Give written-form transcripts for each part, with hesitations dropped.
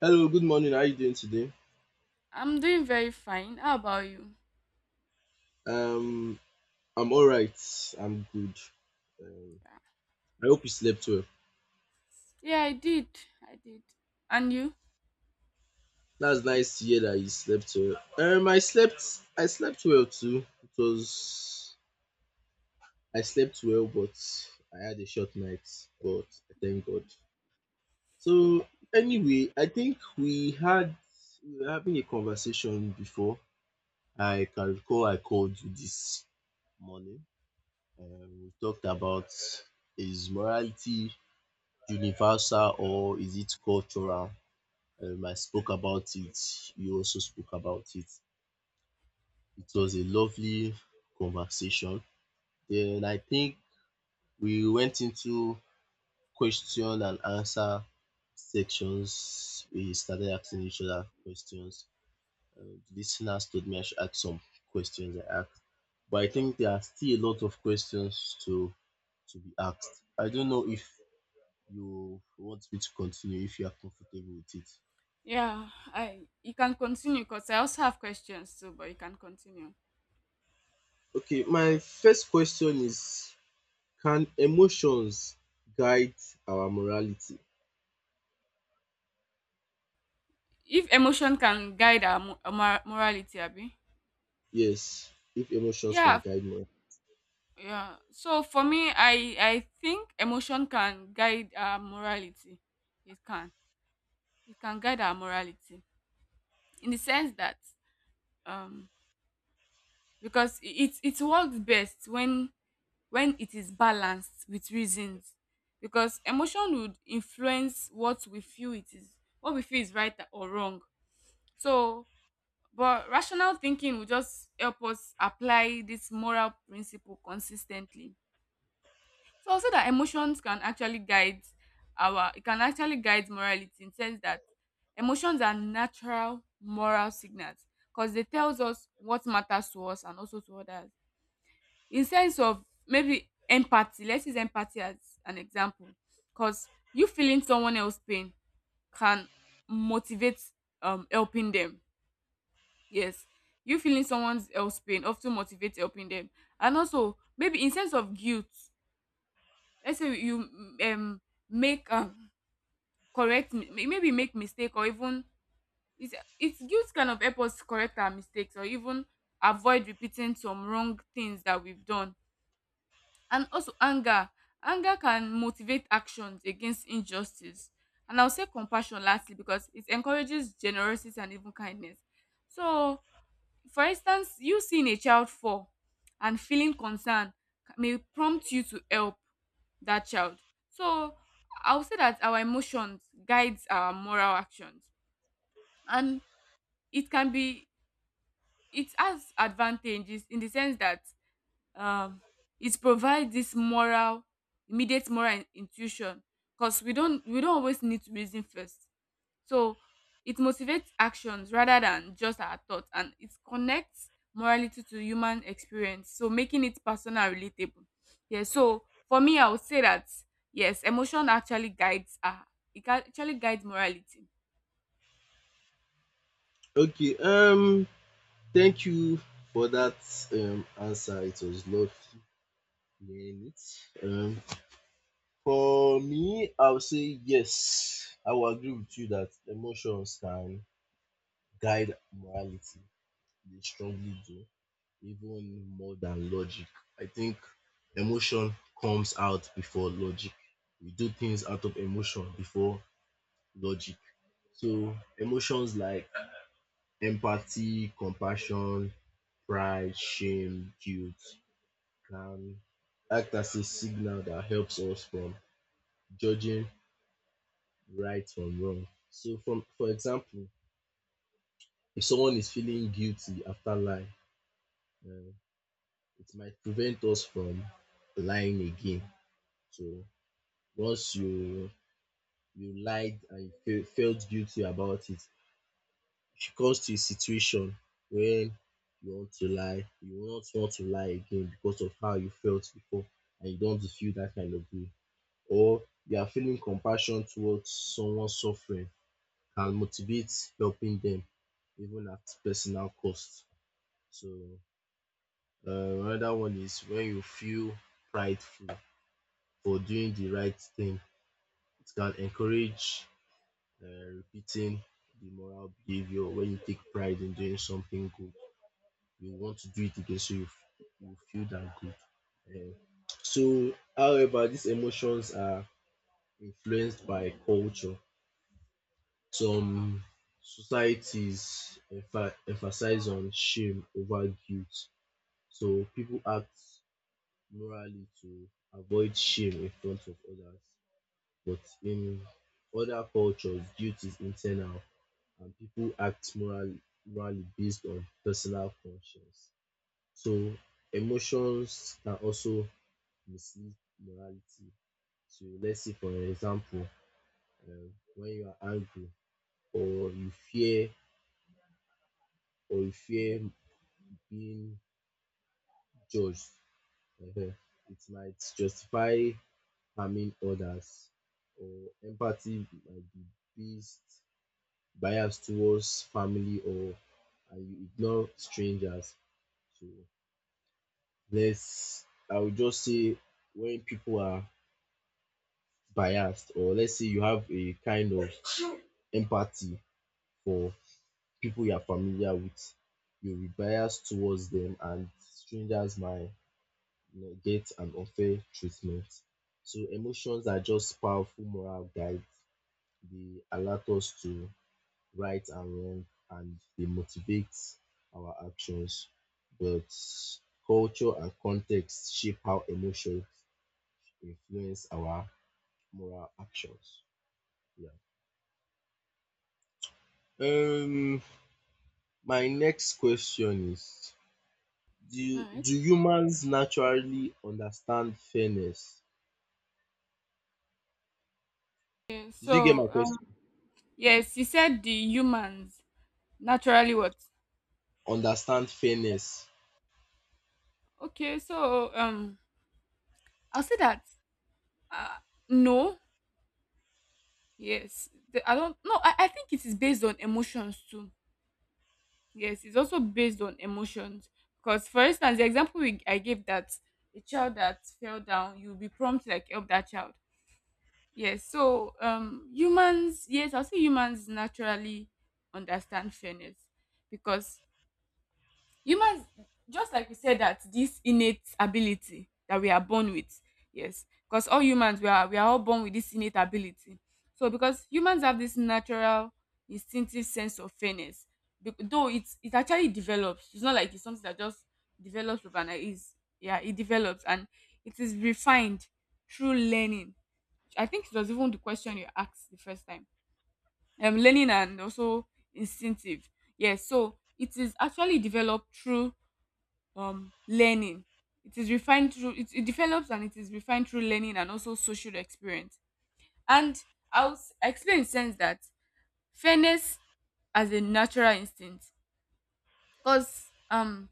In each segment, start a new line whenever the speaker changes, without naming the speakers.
Hello, good morning. How are you doing today?
I'm doing very fine. How about you?
Um, I'm all right. I'm good. Um, I hope you slept well.
Yeah, I did. I did. And you?
That's nice to hear that you slept well. I slept. I slept well too. It was. I slept well, but I had a short night. But I thank God. So anyway, I think we were having a conversation before. I can recall. I called you this morning. We talked about his morality universal or is it cultural? I spoke about it. You also spoke about it. It was a lovely conversation. Then I think we went into question and answer sections. We started asking each other questions. Uh, the listeners told me I should ask some questions. I asked, but I think there are still a lot of questions to be asked. I don't know if you want me to continue, if you are comfortable with it.
Yeah, I you can continue because I also have questions too, but you can continue.
Okay, my first question is, can emotions guide our morality?
If emotion can guide our morality, Abby.
Yes, if emotions
Yeah,
can guide morality.
yeah. So for me, I think emotion can guide our morality. It can. It can guide our morality in the sense that um because it works best when it is balanced with reasons, because emotion would influence what we feel, it is what we feel is right or wrong. So but rational thinking will just help us apply this moral principle consistently. So also that emotions can actually guide our it can actually guide morality, in sense that emotions are natural moral signals because they tells us what matters to us and also to others. In sense of maybe empathy, let's use empathy as an example, because you feeling someone else pain can motivate helping them. Yes, you feeling someone else pain often motivate helping them. And also maybe in sense of guilt, let's say you um make correct maybe make mistake, or even it's guilt kind of help us correct our mistakes, or even avoid repeating some wrong things that we've done. And also anger can motivate actions against injustice. And I will say compassion lastly, because it encourages generosity and even kindness. So for instance, you seeing a child fall and feeling concern may prompt you to help that child. So I will say that our emotions guides our moral actions, and it can be, it has advantages in the sense that, um, it provides this moral immediate moral in- intuition, because we don't always need to reason first. So it motivates actions rather than just our thoughts, and it connects morality to human experience, so making it personal and relatable. Yeah, so for me I would say that yes, emotion actually guides, actually guides morality.
Okay, thank you for that answer. It was lovely hearing it. For me, I would say yes. I will agree with you that emotions can guide morality. They strongly do. Even more than logic. I think emotion comes out before logic. We do things out of emotion before logic. So emotions like empathy, compassion, pride, shame, guilt can act as a signal that helps us from judging right from wrong. So from for example, if someone is feeling guilty after lying, uh, it might prevent us from lying again. So once you lied and you felt guilty about it. If it comes to a situation when you want to lie, you will not want to lie again because of how you felt before, and you don't feel that kind of way. Or you are feeling compassion towards someone suffering can motivate helping them even at personal cost. So uh, another one is when you feel prideful for doing the right thing. It can encourage uh, repeating the moral behavior. When you take pride in doing something good, you want to do it again, so you feel that good. um so however, these emotions are influenced by culture. Some societies emphasize on shame over guilt, so people act morally to avoid shame in front of others. But in other cultures, guilt is internal and people act morally based on personal conscience. So emotions can also mislead morality. So let's say for example, when you are angry or you fear or you fear being judged, um it might justify harming others. Or empathy might be based biased towards family, or and you ignore strangers. So let's I would just say when people are biased, or let's say you have a kind of empathy for people you are familiar with, you'll be biased towards them, and strangers might, you know, get an unfair treatment. So emotions are just powerful moral guides. They alert us to right and wrong, and they motivate our actions. But culture and context shape how emotions influence our moral actions. Yeah. Um, my next question is,
All right.
do humans naturally understand fairness?
Okay,
Did you get my
so
question?
yes, you said the humans naturally what?
Understand fairness.
Okay, so I'll say that. Uh, no. Yes. I don't. No. I think it is based on emotions too. Yes, it's also based on emotions. Because, for instance, the example I gave that a child that fell down, you'll be prompt to like help that child. Yes. So, humans. Yes, I'll say humans naturally understand fairness, because humans, just like we said that this innate ability that we are born with. Yes, because all humans, we are all born with this innate ability. So because humans have this natural instinctive sense of fairness, though it actually develops. It's not like it's something that just develops overnight, is, yeah, it develops and it is refined through learning. I think it was even the question you asked the first time, learning and also instinctive. Yes, so it is actually developed through learning. It is refined through, it develops and it is refined through learning and also social experience. And I'll explain in sense that fairness as a natural instinct, because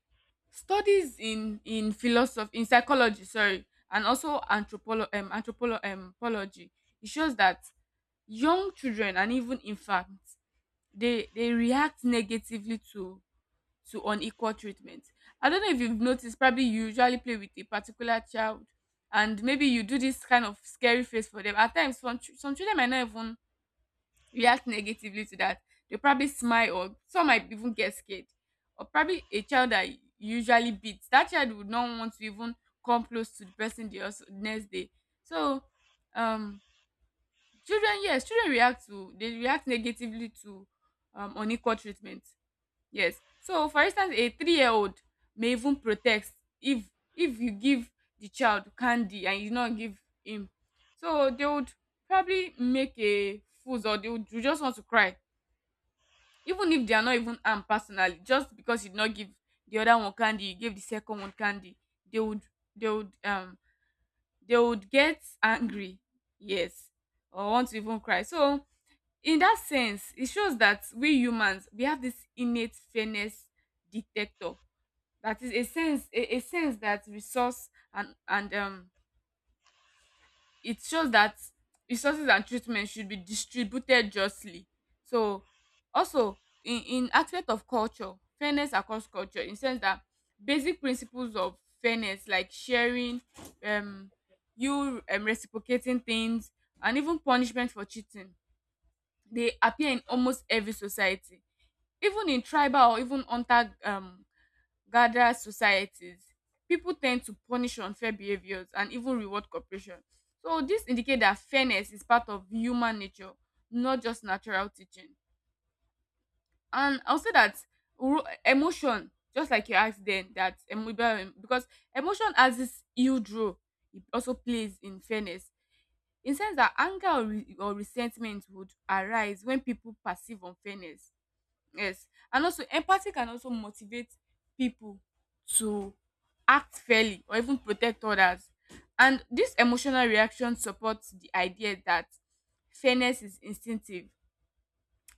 studies in philosophy, in psychology, sorry, and also anthropology, it shows that young children and even infants, they react negatively to unequal treatment. I don't know if you've noticed, probably you usually play with a particular child and maybe you do this kind of scary face for them. At times, some children might not even react negatively to that. They probably smile, or some might even get scared. Or probably a child that you usually beats, that child would not want to even come close to the person, the also, next day. So, um, children, yes, children they react negatively to unequal treatment. Yes. So for instance, a 3-year-old may even protest if you give the child candy and you not give him. So they would probably make a fools, or they would you just want to cry. Even if they are not even armed personally, just because you did not give the other one candy, you gave the second one candy, they would they would um they would get angry. Yes. Or want to even cry. So in that sense, it shows that we humans, we have this innate fairness detector, that is a sense that resource and it shows that resources and treatment should be distributed justly. So also in aspect of culture, fairness across culture in sense that basic principles of fairness like sharing, um you reciprocating things, and even punishment for cheating, they appear in almost every society. Even in tribal or even hunter Guardian societies, pipu ten d to punish unfair behaviours and even reward cooperation. So dis indicate dat fairness is part of human nature, not just natural teaching. And I would say dat ro emotion, just like you ask den dat, because emotion has dis huge role, it also plays in fairness, in sense dat anger or resentment would arise wen pipu perceive unfairness. Yes. And also empathy can also motivate people to act fairly or even protect others. And this emotional reaction supports the idea that fairness is instinctive.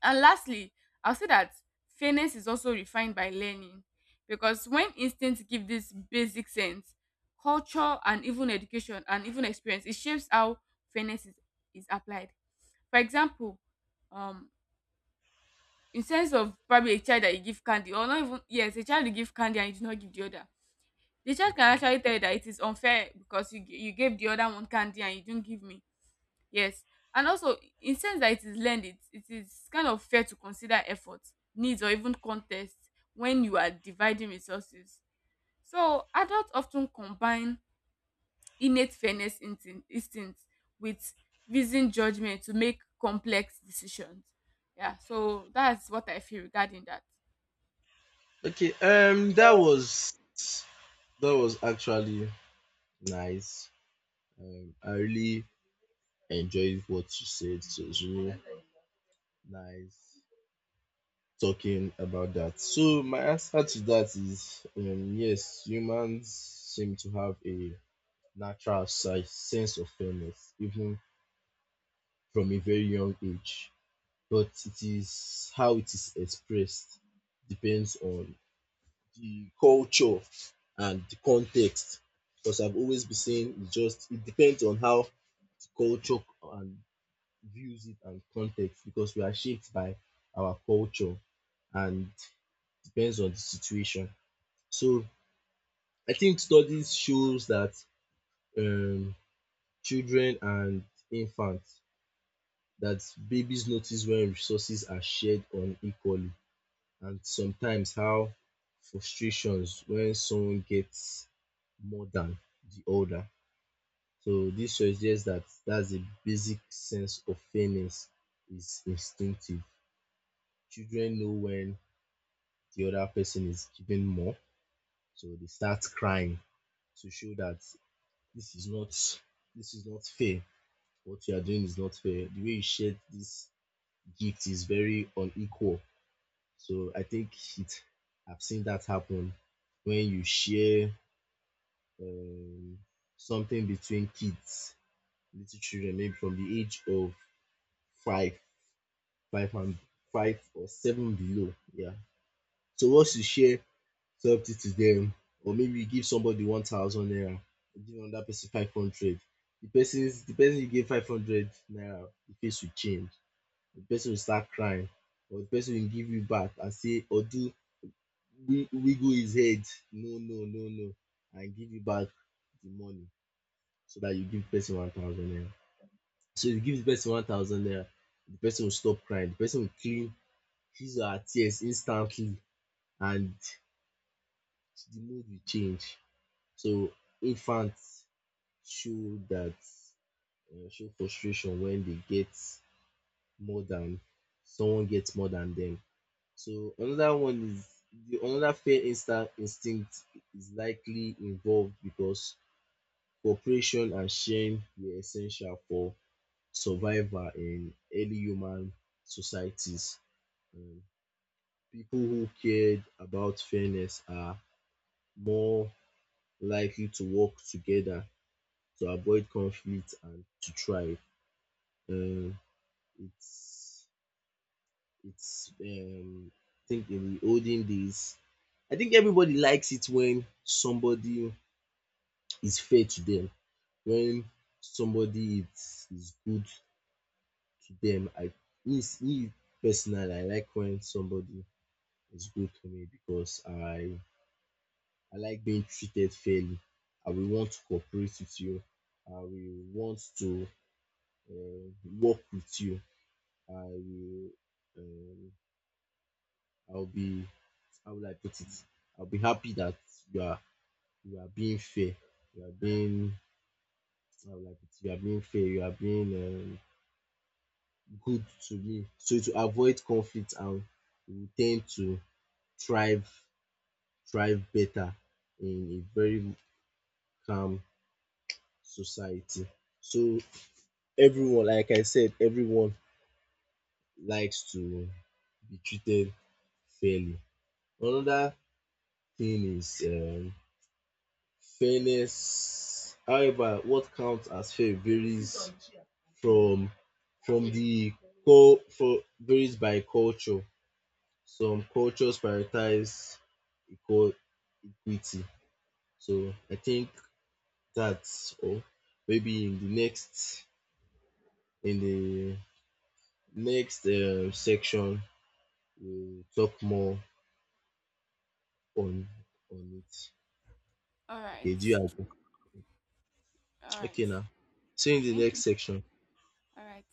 And lastly, I'll say that fairness is also refined by learning, because when instincts give this basic sense, culture and even education and even experience, it shapes how fairness is applied. For example, um, in sense of probably a child that you give candy or not, even yes, a child you give candy and you do not give the other, the child can
Okay.
actually tell you that it is unfair because you gave the other one candy and you didn't give me. Yes. And also in sense that it is learned, it is kind of fair to consider effort, needs, or even contest, when you are dividing resources. So adults often combine innate fairness instinct with reasoned judgment to make complex decisions. Yeah, so that's what I feel regarding that.
Okay, that was, that was actually nice. I really enjoyed what you said. So it's really nice talking about that. So my answer to that is, yes, humans seem to have a natural sense of fairness, even from a very young age. But it is how it is expressed depends on the culture and the context. Because I've always been saying it, just it depends on how the culture and views it and context, because we are shaped by our culture and depends on the situation. So I think studies shows that um children and infants that babies notice when resources are shared unequally, and sometimes how frustrations when someone gets more than the other. So this suggests that that's a basic sense of fairness is instinctive. Children know when the other person is given more, so they start crying to show that. this is not this is not fair. What you are doing is not fair. The way you shared this gift is very unequal. So I think it, I've seen that happen when you share um, something between kids, little children maybe from the age of five five and five or seven below, yeah. So once you share something to them, or maybe you give somebody 1,000 naira, you give another person 500, the person you gave 500 naira, the face will change, the person will start crying, or the person will give you back and say or do, wiggle his head, no, no, no, no, and give you back the money. So that you give the person 1,000 naira, so you give the person 1,000 naira, the person will stop crying, the person will clean his or her tears instantly, and the mood will change. So infants show that, show frustration when they get more than, someone gets more than them. So another one is the another fear instinct is likely involved, because cooperation and sharing were essential for survival in early human societies. Um, people who cared about fairness are more likely to work together, to avoid conflict and to thrive. Um, it's I think in the olden days, I think everybody likes it when somebody is fair to them, when somebody is good to them. I me Me personally, I like when somebody is good to me because I like being treated fairly. I will want to cooperate with you. I will want to um work with you. I will um I'll be, how will I put it? I'll be happy that you are you are being fair. You are being, how will I put it? You are being fair. You are being good to me. So to avoid conflict, and we tend to thrive thrive better in a very calm society. So everyone, like I said, everyone likes to be treated fairly. Another thing is, fairness, however, what counts as fair varies from from the co for varies by culture. Some cultures prioritize equal equity. So I think that's all. Maybe in the next, in the next section, we'll talk more on on it.
All right.
Okay, do you agree?
All right.
Okay now. See you in the
Thank
next
you.
section.
All right.